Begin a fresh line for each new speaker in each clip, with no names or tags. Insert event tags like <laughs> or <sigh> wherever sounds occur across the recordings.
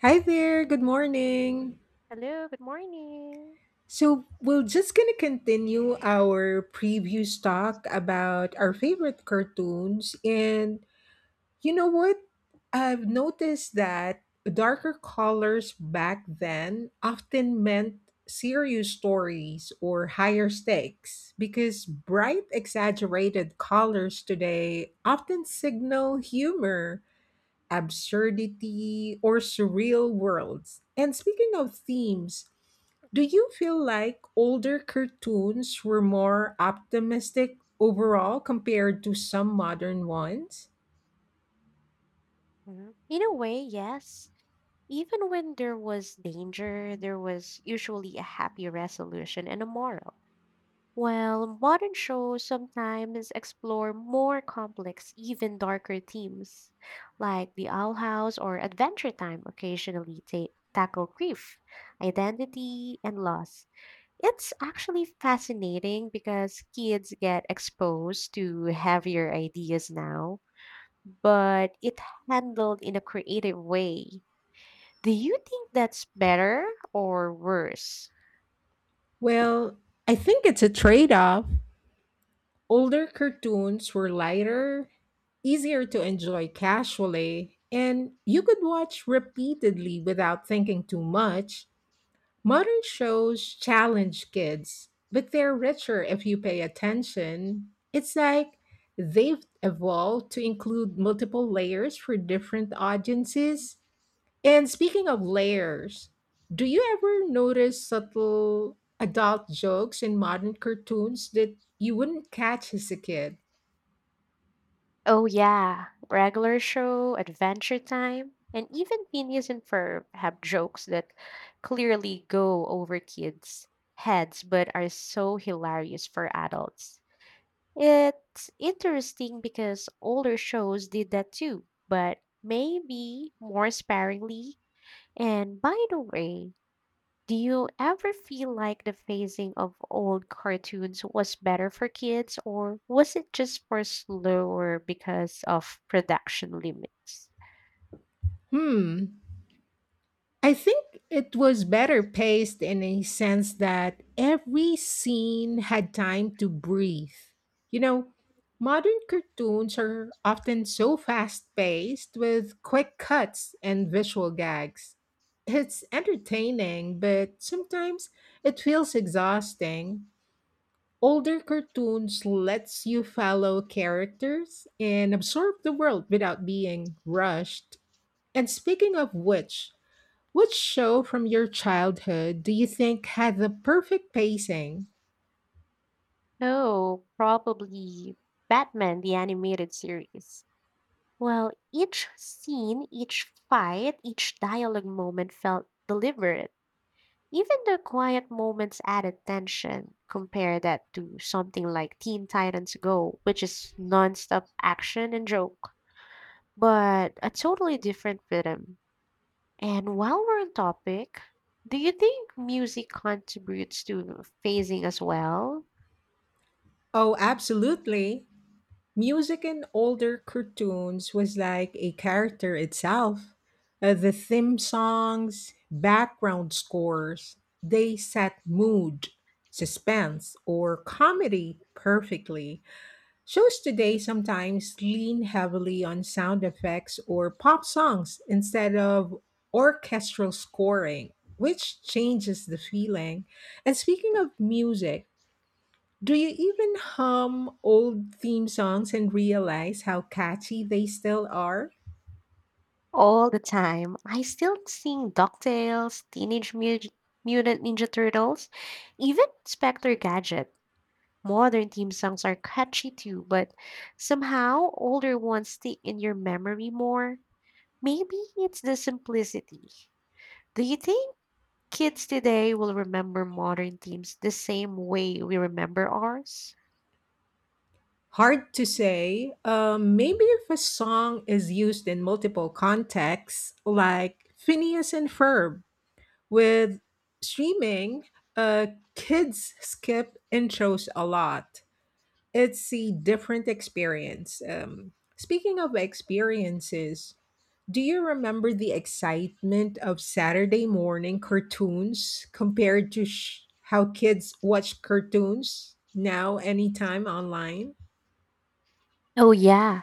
Hi there, good morning.
Hello, good morning.
So, we're just going to continue our previous talk about our favorite cartoons. And you know what? I've noticed that darker colors back then often meant serious stories or higher stakes because bright, exaggerated colors today often signal humor, absurdity, or surreal worlds. And speaking of themes, do you feel like older cartoons were more optimistic overall compared to some modern ones?
Mhm. In a way, yes. Even when there was danger, there was usually a happy resolution and a moral. While modern shows sometimes explore more complex, even darker themes, like The Owl House or Adventure Time occasionally tackle grief, identity, and loss. It's actually fascinating because kids get exposed to heavier ideas now, but it handled in a creative way. Do you think that's better or worse?
Well, I think it's a trade off. Older cartoons were lighter, easier to enjoy casually, and you could watch repeatedly without thinking too much. Modern shows challenge kids, but they're richer if you pay attention. It's like they've evolved to include multiple layers for different audiences. And speaking of layers, do you ever notice subtle adult jokes in modern cartoons that you wouldn't catch as a kid?
Oh yeah, regular show, Adventure Time, and even Phineas and Ferb have jokes that clearly go over kids' heads but are so hilarious for adults. It's interesting because older shows did that too, but maybe more sparingly. And by the way, do you ever feel like the phasing of old cartoons was better for kids, or was it just for slower because of production limits?
Hmm, I think it was better paced in a sense that every scene had time to breathe. You know, modern cartoons are often so fast paced with quick cuts and visual gags. It's entertaining, but sometimes it feels exhausting. Older cartoons lets you follow characters and absorb the world without being rushed. And speaking of which show from your childhood do you think had the perfect pacing?
Oh, probably Batman, the animated series. Well, each scene, each fight, each dialogue moment felt deliberate. Even the quiet moments added tension. Compare that to something like Teen Titans Go, which is nonstop action and jokes, but a totally different rhythm. And while we're on topic, do you think music contributes to phasing as well?
Oh, absolutely. Music in older cartoons was like a character itself. The theme songs, background scores, they set mood, suspense, or comedy perfectly. Shows today sometimes lean heavily on sound effects or pop songs instead of orchestral scoring, which changes the feeling. And speaking of music, do you even hum old theme songs and realize how catchy they still are?
All the time, I still sing DuckTales, Teenage Mutant Ninja Turtles, even Inspector Gadget. Modern theme songs are catchy too, but somehow older ones stick in your memory more. Maybe it's the simplicity. Do you think kids today will remember modern themes the same way we remember ours?
Hard to say. Maybe if a song is used in multiple contexts, like Phineas and Ferb, with streaming, uh, kids skip intros a lot. It's a different experience. Speaking of experiences, do you remember the excitement of Saturday morning cartoons compared to how kids watch cartoons now anytime online?
Oh, yeah.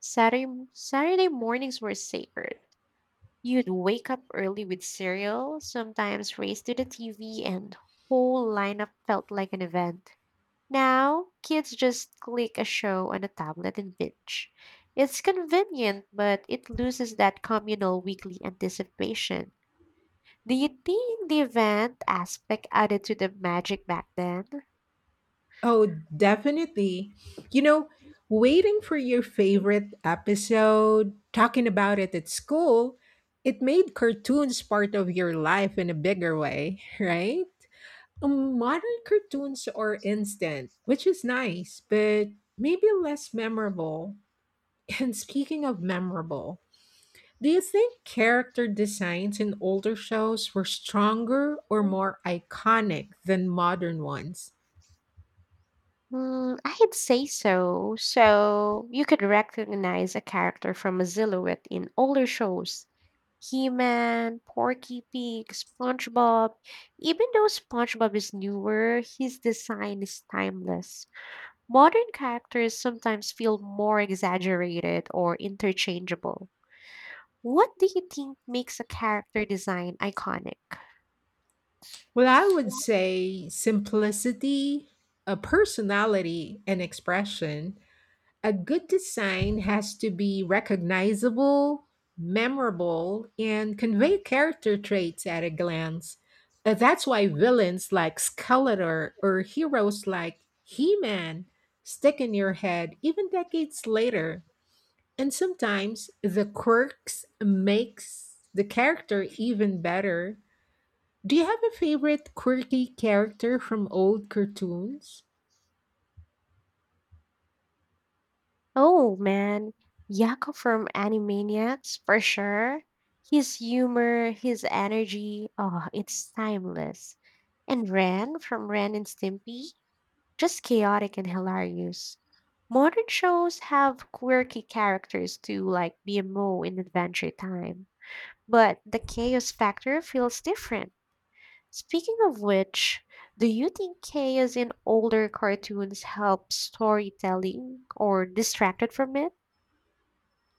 Saturday, Saturday mornings were sacred. You'd wake up early with cereal, sometimes race to the TV, and whole lineup felt like an event. Now, kids just click a show on a tablet and binge. It's convenient, but it loses that communal weekly anticipation. Do you think the event aspect added to the magic back then?
Oh, definitely. You know, waiting for your favorite episode, talking about it at school, it made cartoons part of your life in a bigger way, <laughs> right? Modern cartoons are instant, which is nice, but maybe less memorable. <laughs> And speaking of memorable, do you think character designs in older shows were stronger or more iconic than modern ones?
Mm, I'd say so. So you could recognize a character from a silhouette in older shows. He-Man, Porky Pig, SpongeBob. Even though SpongeBob is newer, his design is timeless. Modern characters sometimes feel more exaggerated or interchangeable. What do you think makes a character design iconic?
Well, I would say simplicity, a personality, and expression. A good design has to be recognizable, memorable, and convey character traits at a glance. That's why villains like Skeletor or heroes like He Man stick in your head even decades later. And sometimes the quirks makes the character even better. Do you have a favorite quirky character from old cartoons?
Oh man, Yakko from Animaniacs for sure. His humor, his energy, oh, it's timeless. And Ren from Ren and Stimpy, just chaotic and hilarious. Modern shows have quirky characters too, like BMO in Adventure Time, but the chaos factor feels different. Speaking of which, do you think chaos in older cartoons helps storytelling or distracted from it?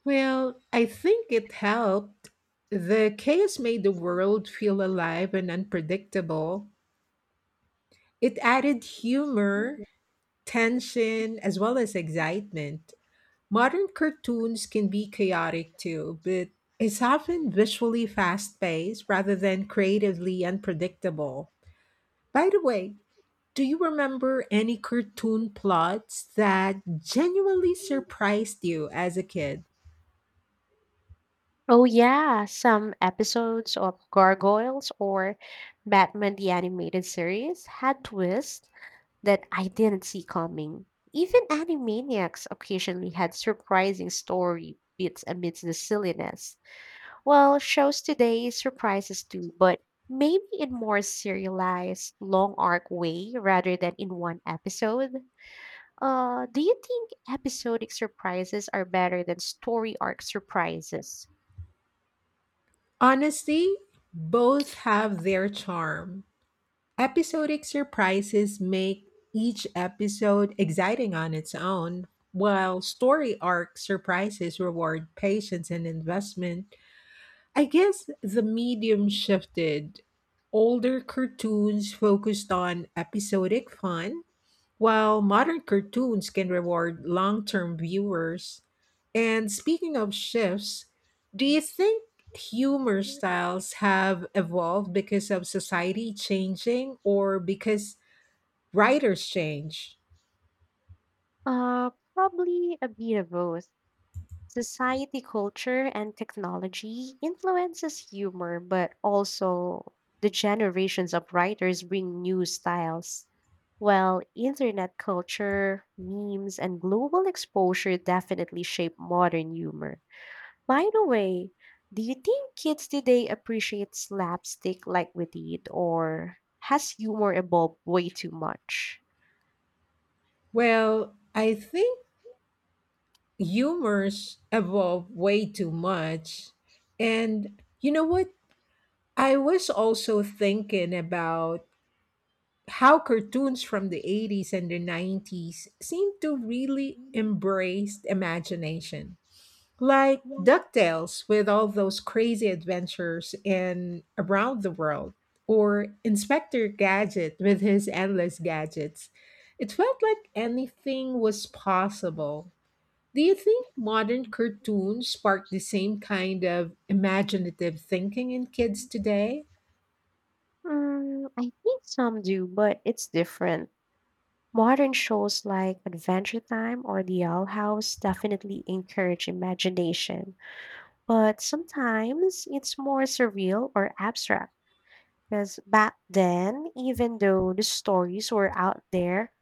Well, I think it helped. The chaos made the world feel alive and unpredictable. It added humor, tension, as well as excitement. Modern cartoons can be chaotic too, but it's often visually fast paced rather than creatively unpredictable. By the way, do you remember any cartoon plots that genuinely surprised you as a kid?
Oh yeah, some episodes of Gargoyles or Batman the Animated Series had twists that I didn't see coming. Even Animaniacs occasionally had surprising story bits amidst the silliness. Well, shows today surprise us too, but maybe in more serialized, long arc way rather than in one episode. Do you think episodic surprises are better than story arc surprises?
Honestly, both have their charm. Episodic surprises make each episode exciting on its own, while story arc surprises reward patience and investment. I guess the medium shifted. Older cartoons focused on episodic fun, while modern cartoons can reward long term viewers, and speaking of shifts, do you think humor styles have evolved because of society changing or because writers change?
Probably a bit of both. Society, culture, and technology influences humor, but also the generations of writers bring new styles. While internet culture, memes, and global exposure definitely shape modern humor. By the way, do you think kids today appreciate slapstick like we did, or has humor evolved way too much?
Well, I think humors evolve way too much. And you know what? I was also thinking about how cartoons from the 80s and the 90s seem to really embrace imagination. Like DuckTales with all those crazy adventures in Around the World, or Inspector Gadget with his endless gadgets. It felt like anything was possible. Do you think modern cartoons spark the same kind of imaginative thinking in kids today?
Mm, I think some do, but it's different. Modern shows like Adventure Time or The Owl House definitely encourage imagination, but sometimes it's more surreal or abstract. Because back then, even though the stories were out there,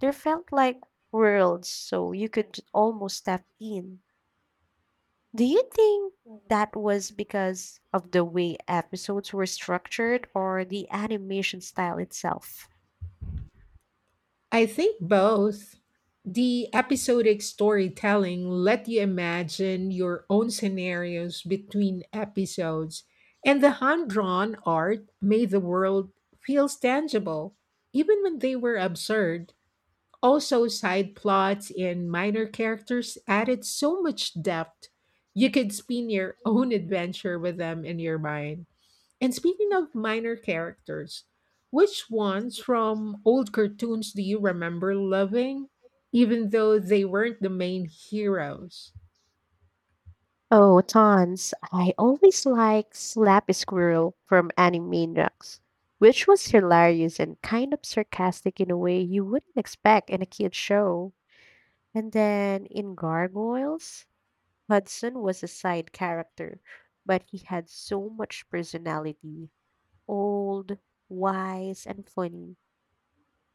they felt like worlds, so you could almost step in. Do you think that was because of the way episodes were structured or the animation style itself?
I think both. The episodic storytelling let you imagine your own scenarios between episodes, and the hand-drawn art made the world feels tangible, even when they were absurd. Also, side plots and minor characters added so much depth. You could spin your own adventure with them in your mind. And speaking of minor characters, which ones from old cartoons do you remember loving, even though they weren't the main heroes?
Oh, tons. I always like Slap Squirrel from Animaniacs, which was hilarious and kind of sarcastic in a way you wouldn't expect in a kid's show. And then in Gargoyles, Hudson was a side character, but he had so much personality, old, wise, and funny.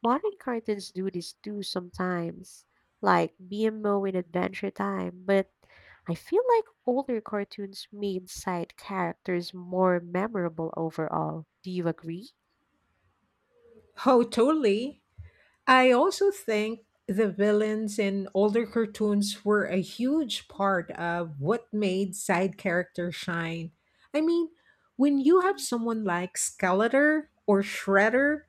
Modern cartoons do this too sometimes, like BMO in Adventure Time, but I feel like older cartoons made side characters more memorable overall. Do you agree?
Oh, totally. I also think the villains in older cartoons were a huge part of what made side characters shine. I mean, when you have someone like Skeletor or Shredder,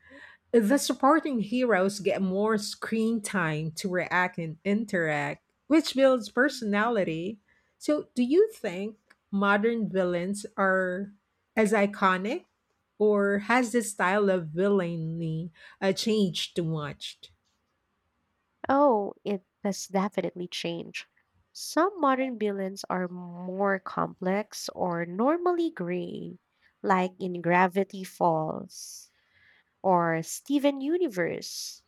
the supporting heroes get more screen time to react and interact, which builds personality. So, do you think modern villains are as iconic, or has the style of villainy changed too much?
Oh, it has definitely changed. Some modern villains are more complex or normally gray, like in Gravity Falls or Steven Universe,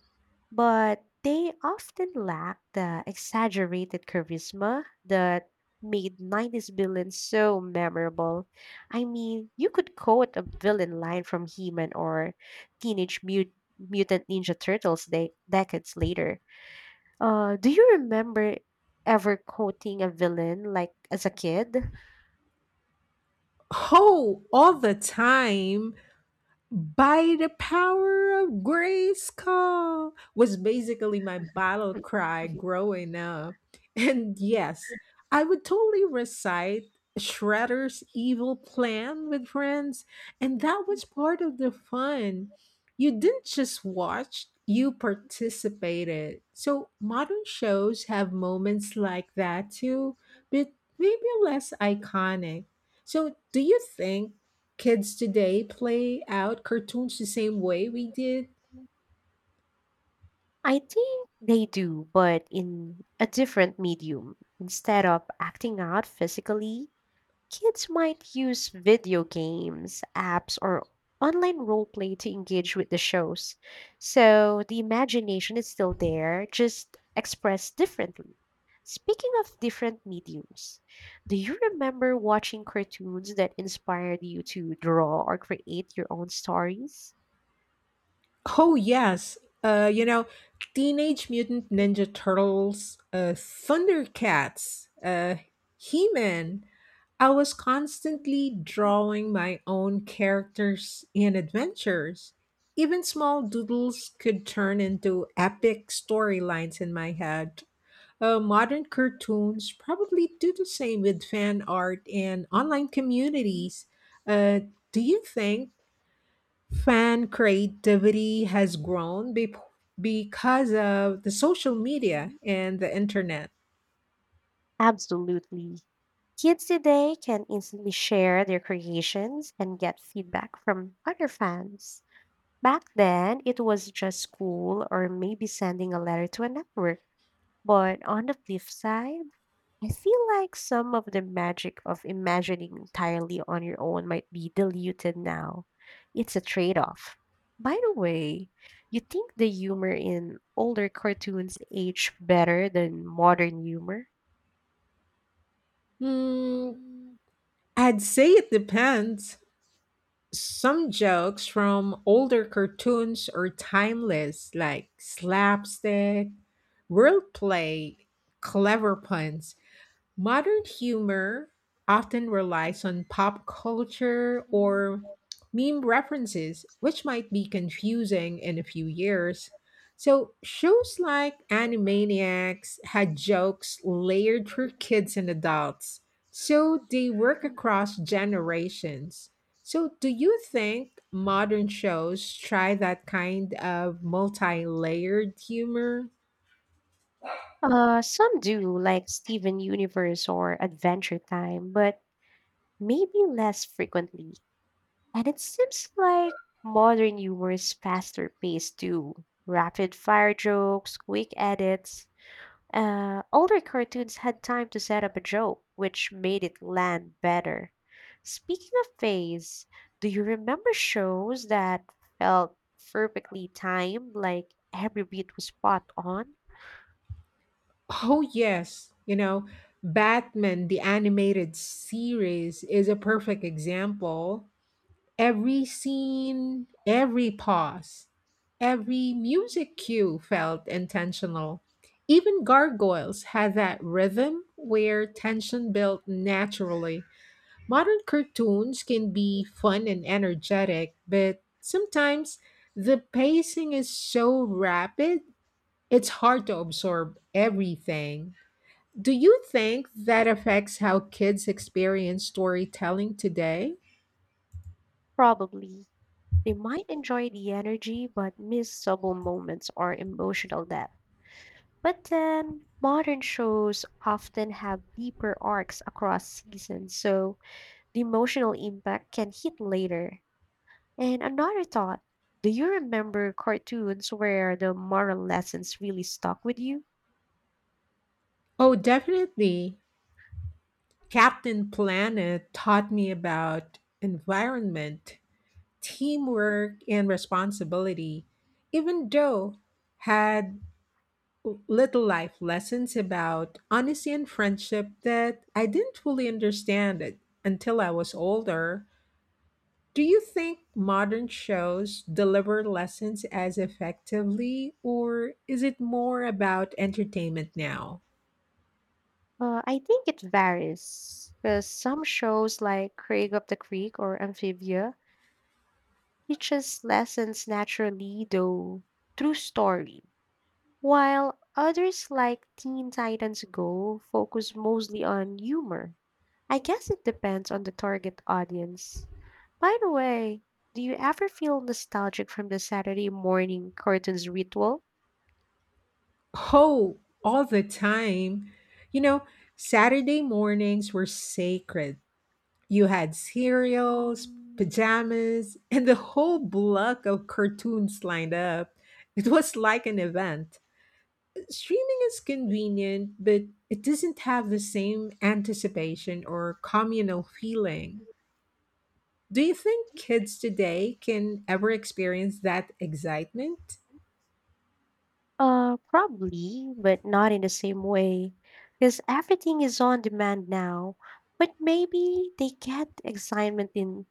but they often lack the exaggerated charisma that made 90s villains so memorable. I mean, you could quote a villain line from He-Man or Teenage Mutant Ninja Turtles decades later. Do you remember ever quoting a villain like as a kid?
Oh, all the time. By the power of grace call was basically my battle cry growing up. And yes, I would totally recite Shredder's evil plan with friends, and that was part of the fun. You didn't just watch, you participated. So modern shows have moments like that too, but maybe less iconic. So, do you think kids today play out cartoons the same way we did?
Mm, I think they do, but in a different medium. Instead of acting out physically, kids might use video games, apps, or online roleplay to engage with the shows. So the imagination is still there, just expressed differently. Speaking of different mediums, do you remember watching cartoons that inspired you to draw or create your own stories?
Oh, yes. Teenage Mutant Ninja Turtles, Thundercats, He Man. I was constantly drawing my own characters and adventures. Even small doodles could turn into epic storylines in my head. Modern cartoons probably do the same with fan art and online communities. Uh, do you think fan creativity has grown because of the social media and the internet?
Absolutely. Kids today can instantly share their creations and get feedback from other fans. Back then, it was just school or maybe sending a letter to a network. But on the flip side, I feel like some of the magic of imagining entirely on your own might be diluted now. It's a trade off. By the way, you think the humor in older cartoons age better than modern humor?
Hmm, I'd say it depends. Some jokes from older cartoons are timeless, like slapstick, wordplay, clever puns. Modern humor often relies on pop culture or meme references, which might be confusing in a few years. So, shows like Animaniacs had jokes layered for kids and adults, so they work across generations. So, do you think modern shows try that kind of multi layered humor?
Some do, like Steven Universe or Adventure Time, but maybe less frequently. And it seems like modern humor is faster paced too. Rapid fire jokes, quick edits. Older cartoons had time to set up a joke, which made it land better. Speaking of phase, do you remember shows that felt perfectly timed, like every beat was spot on?
Oh, yes. Batman, the animated series, is a perfect example. Every scene, every pause, every music cue felt intentional. Even Gargoyles had that rhythm where tension built naturally. Modern cartoons can be fun and energetic, but sometimes the pacing is so rapid, it's hard to absorb everything. Do you think that affects how kids experience storytelling today?
Probably. They might enjoy the energy, but miss subtle moments or emotional depth. But then, modern shows often have deeper arcs across seasons, so the emotional impact can hit later. And another thought, do you remember cartoons where the moral lessons really stuck with you?
Oh, definitely. Captain Planet taught me about environment, teamwork, and responsibility, even though had little life lessons about honesty and friendship that I didn't fully understand it until I was older. Do you think modern shows deliver lessons as effectively, or is it more about entertainment now?
I think it varies, because some shows like Craig of the Creek or Amphibia teaches lessons naturally, though through story, while others like Teen Titans Go focus mostly on humor. I guess it depends on the target audience. By the way, do you ever feel nostalgic from the Saturday morning cartoons ritual?
Oh, all the time. You know, Saturday mornings were sacred. You had cereals,
Mm,
pajamas, <laughs> and the whole block of cartoons lined up. It was like an event. Streaming is convenient, but it doesn't have the same anticipation or communal feeling. Do you think kids today can ever experience that excitement?
Probably, but not in the same way. Because everything is on demand now. But maybe they get excitement in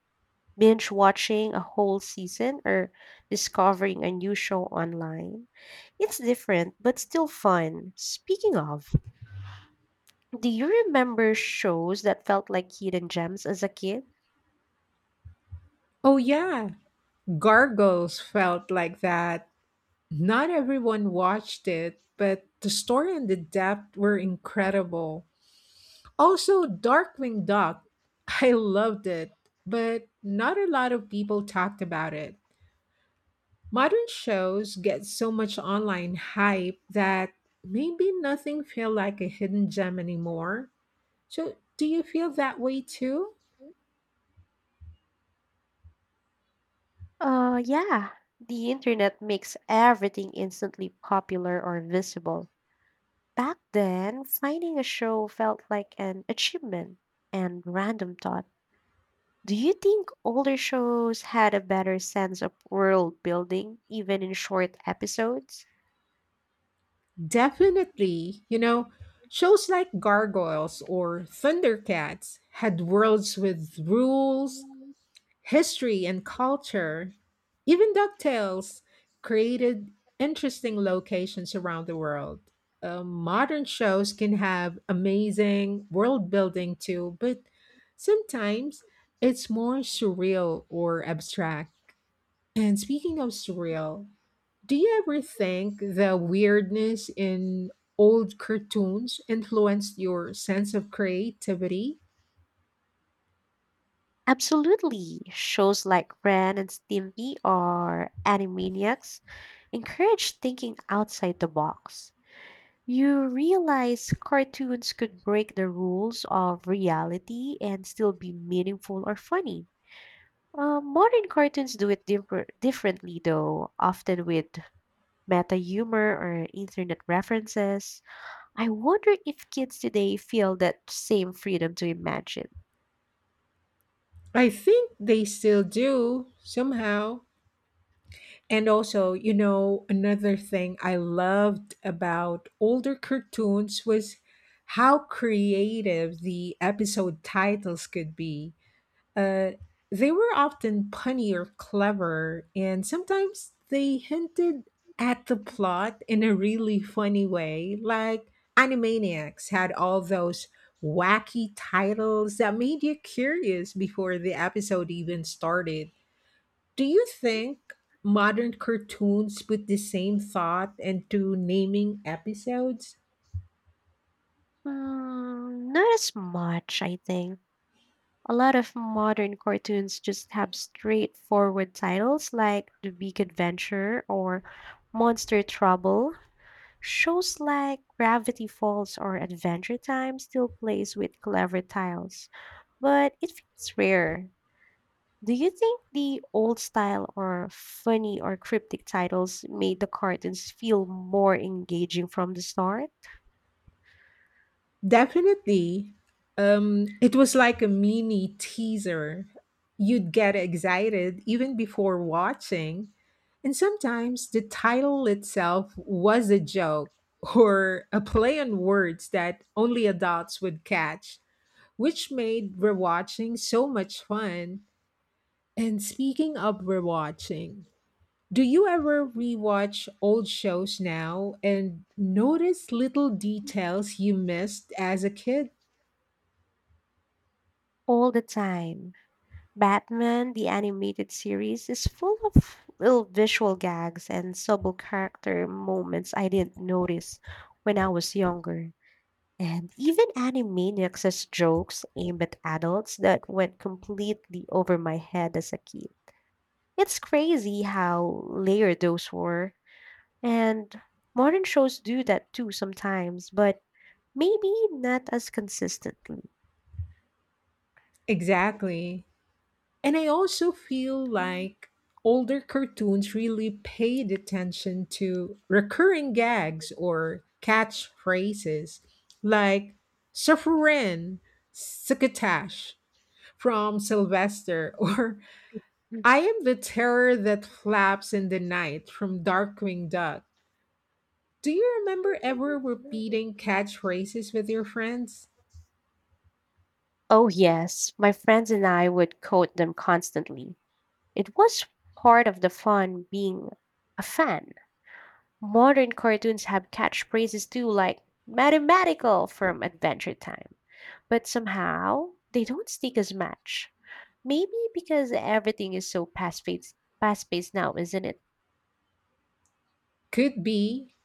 binge watching a whole season or discovering a new show online. It's different, but still fun. Speaking of, do you remember shows that felt like hidden gems as a kid?
Oh, yeah. Gargoyles felt like that. Not everyone watched it, but the story and the depth were incredible. Also, Darkwing Duck. <laughs> I loved it, but not a lot of people talked about it. Modern shows get so much online hype that maybe nothing feel like a hidden gem anymore. So, do you feel that way too?
Yeah. The internet makes everything instantly popular or visible. Back then, finding a show felt like an achievement. And random thought, do you think older shows had a better sense of world building, even in short episodes?
Definitely. Shows like Gargoyles or Thundercats had worlds with rules, history, and culture. Even DuckTales created interesting locations around the world. Modern shows can have amazing world building too, but sometimes it's more surreal or abstract. And speaking of surreal, do you ever think the weirdness in old cartoons influenced your sense of creativity?
Absolutely. Shows like Ren and Stimpy or Animaniacs encourage thinking outside the box. You realize cartoons could break the rules of reality and still be meaningful or funny. Modern cartoons do it differently, though, often with meta humor or internet references. I wonder if kids today feel that same freedom to imagine.
I think they still do somehow. And also, another thing I loved about older cartoons was how creative the episode titles could be. Uh, they were often punny or clever, and sometimes they hinted at the plot in a really funny way, like Animaniacs had all those wacky titles that made you curious before the episode even started. Do you think modern cartoons put the same thought into naming episodes?
Mm, not as much, I think. A lot of modern cartoons just have straightforward titles like The Big Adventure or Monster Trouble. Shows like Gravity Falls or Adventure Time still plays with clever titles, but it feels rare. Do you think the old style or funny or cryptic titles made the cartoons feel more engaging from the start?
Definitely. It was like a mini teaser. You'd get excited even before watching. And sometimes the title itself was a joke <laughs> or a play on words that only adults would catch, which made rewatching so much fun. And speaking of rewatching, do you ever rewatch old shows now and notice little details you missed as a kid?
All the time. Batman, the animated series, is full of little visual gags and subtle character moments I didn't notice when I was younger. And even Animaniacs has jokes aimed at adults that went completely over my head as a kid. It's crazy how layered those were. And modern shows do that too sometimes, but maybe not as consistently.
Exactly. And I also feel like older cartoons really paid attention to recurring gags or catchphrases like Sufferin, Succotash from Sylvester, <laughs> or
Mhm.
I am the terror that flaps in the night from Darkwing Duck. Do you remember ever repeating catchphrases with your friends?
Oh, yes, my friends and I would quote them constantly. It was part of the fun, being a fan. Modern cartoons have catchphrases too, like mathematical from Adventure Time. But somehow, they don't stick as much. Maybe because everything is so fast paced now, isn't it?
Could be.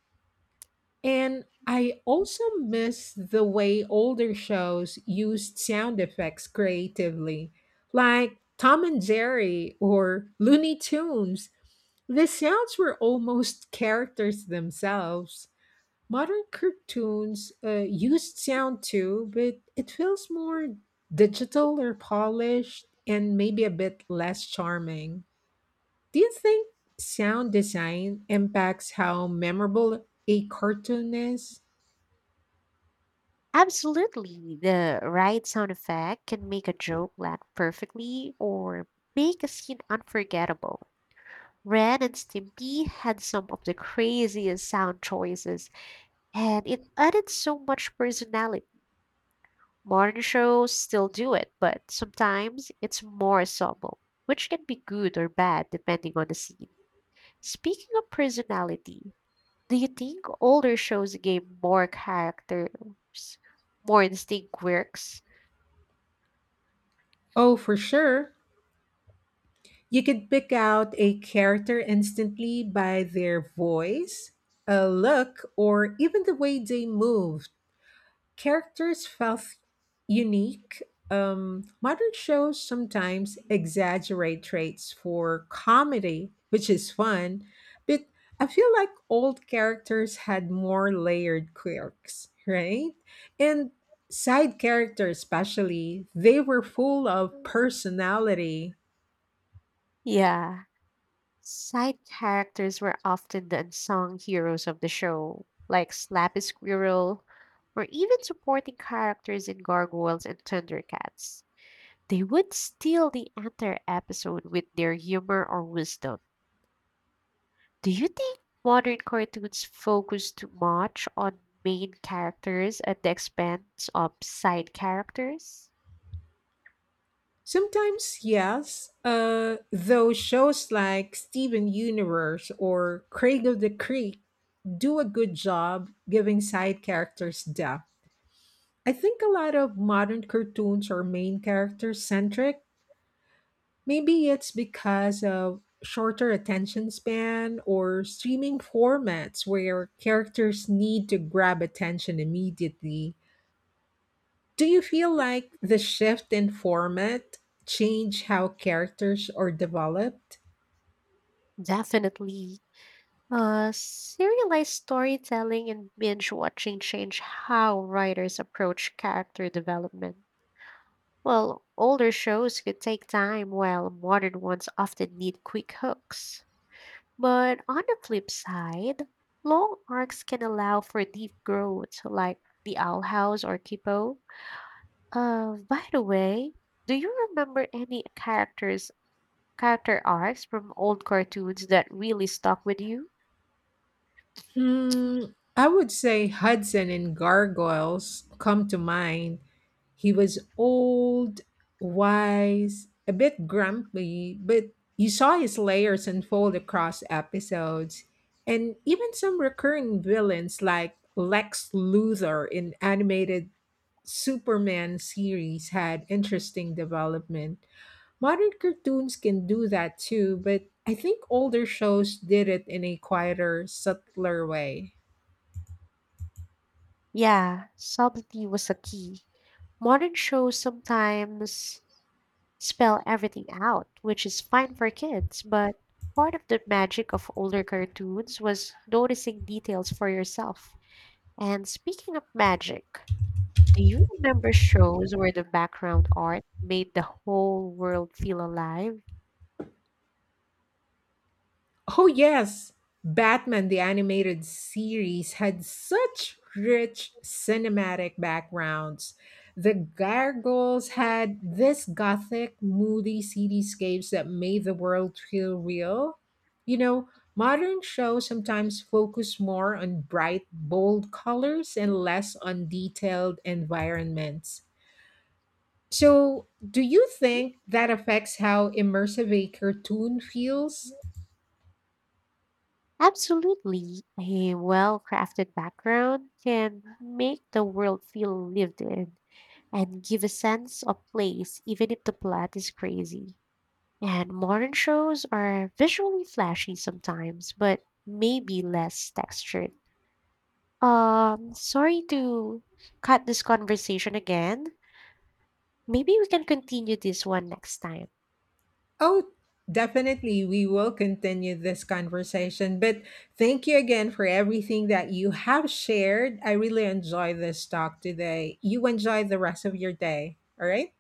And I also miss the way older shows used sound effects creatively, like Tom and Jerry or Looney Tunes. The sounds were almost characters themselves. Modern cartoons used sound too, but it feels more digital or polished and maybe a bit less charming. Do you think sound design impacts how memorable a cartoon is?
Absolutely. The right sound effect can make a joke land perfectly or make a scene unforgettable. Ren and Stimpy had some of the craziest sound choices, and it added so much personality. Modern shows still do it, but sometimes it's more subtle, which can be good or bad depending on the scene. Speaking of personality, do you think older shows gave more characters more distinct quirks?
Oh, for sure. You could pick out a character instantly by their voice, a look, or even the way they move. Characters felt unique. Modern shows sometimes exaggerate traits for comedy, which is fun, but I feel like old characters had more layered quirks, right? And side characters, especially, they were full of personality.
Yeah, side characters were often the unsung heroes of the show, like Slappy Squirrel, or even supporting characters in Gargoyles and Thundercats. They would steal the entire episode with their humor or wisdom. Do you think modern cartoons focus too much on main characters at the expense of side characters?
Sometimes, yes. Though shows like Steven Universe or Craig of the Creek do a good job giving side characters depth. I think a lot of modern cartoons are main character centric. Maybe it's because of shorter attention span or streaming formats where characters need to grab attention immediately. Do you feel like the shift in format changed how characters are developed?
Definitely. Serialized storytelling and binge watching change how writers approach character development. Well, older shows could take time, while modern ones often need quick hooks. But on the flip side, long arcs can allow for deep growth, like The Owl House or Kipo. By the way, do you remember any character arcs from old cartoons that really stuck with you?
I would say Hudson in Gargoyles come to mind. He was old, wise, a bit grumpy, but you saw his layers unfold across episodes. And even some recurring villains like Lex Luthor in animated Superman series had interesting development. Modern cartoons can do that too, but I think older shows did it in a quieter, subtler way.
Yeah, subtlety was a key. Modern shows sometimes spell everything out, which is fine for kids, but part of the magic of older cartoons was noticing details for yourself. And speaking of magic, do you remember shows where the background art made the whole world feel alive?
Oh, yes! Batman the animated series had such rich cinematic backgrounds. The gargoyles had this gothic, moody cityscapes that made the world feel real. You know, modern shows sometimes focus more on bright, bold colors and less on detailed environments. So, do you
Mhm.
think that affects how immersive a cartoon feels?
Absolutely. A well crafted background can make the world feel lived in and give a sense of place, even if the plot is crazy. And modern shows are visually flashy sometimes, but maybe less textured. Sorry to cut this conversation again. Maybe we can continue this one next time.
Oh, definitely. We will continue this conversation. But thank you again for everything that you have shared. I really enjoyed this talk today. You enjoy the rest of your day. All right.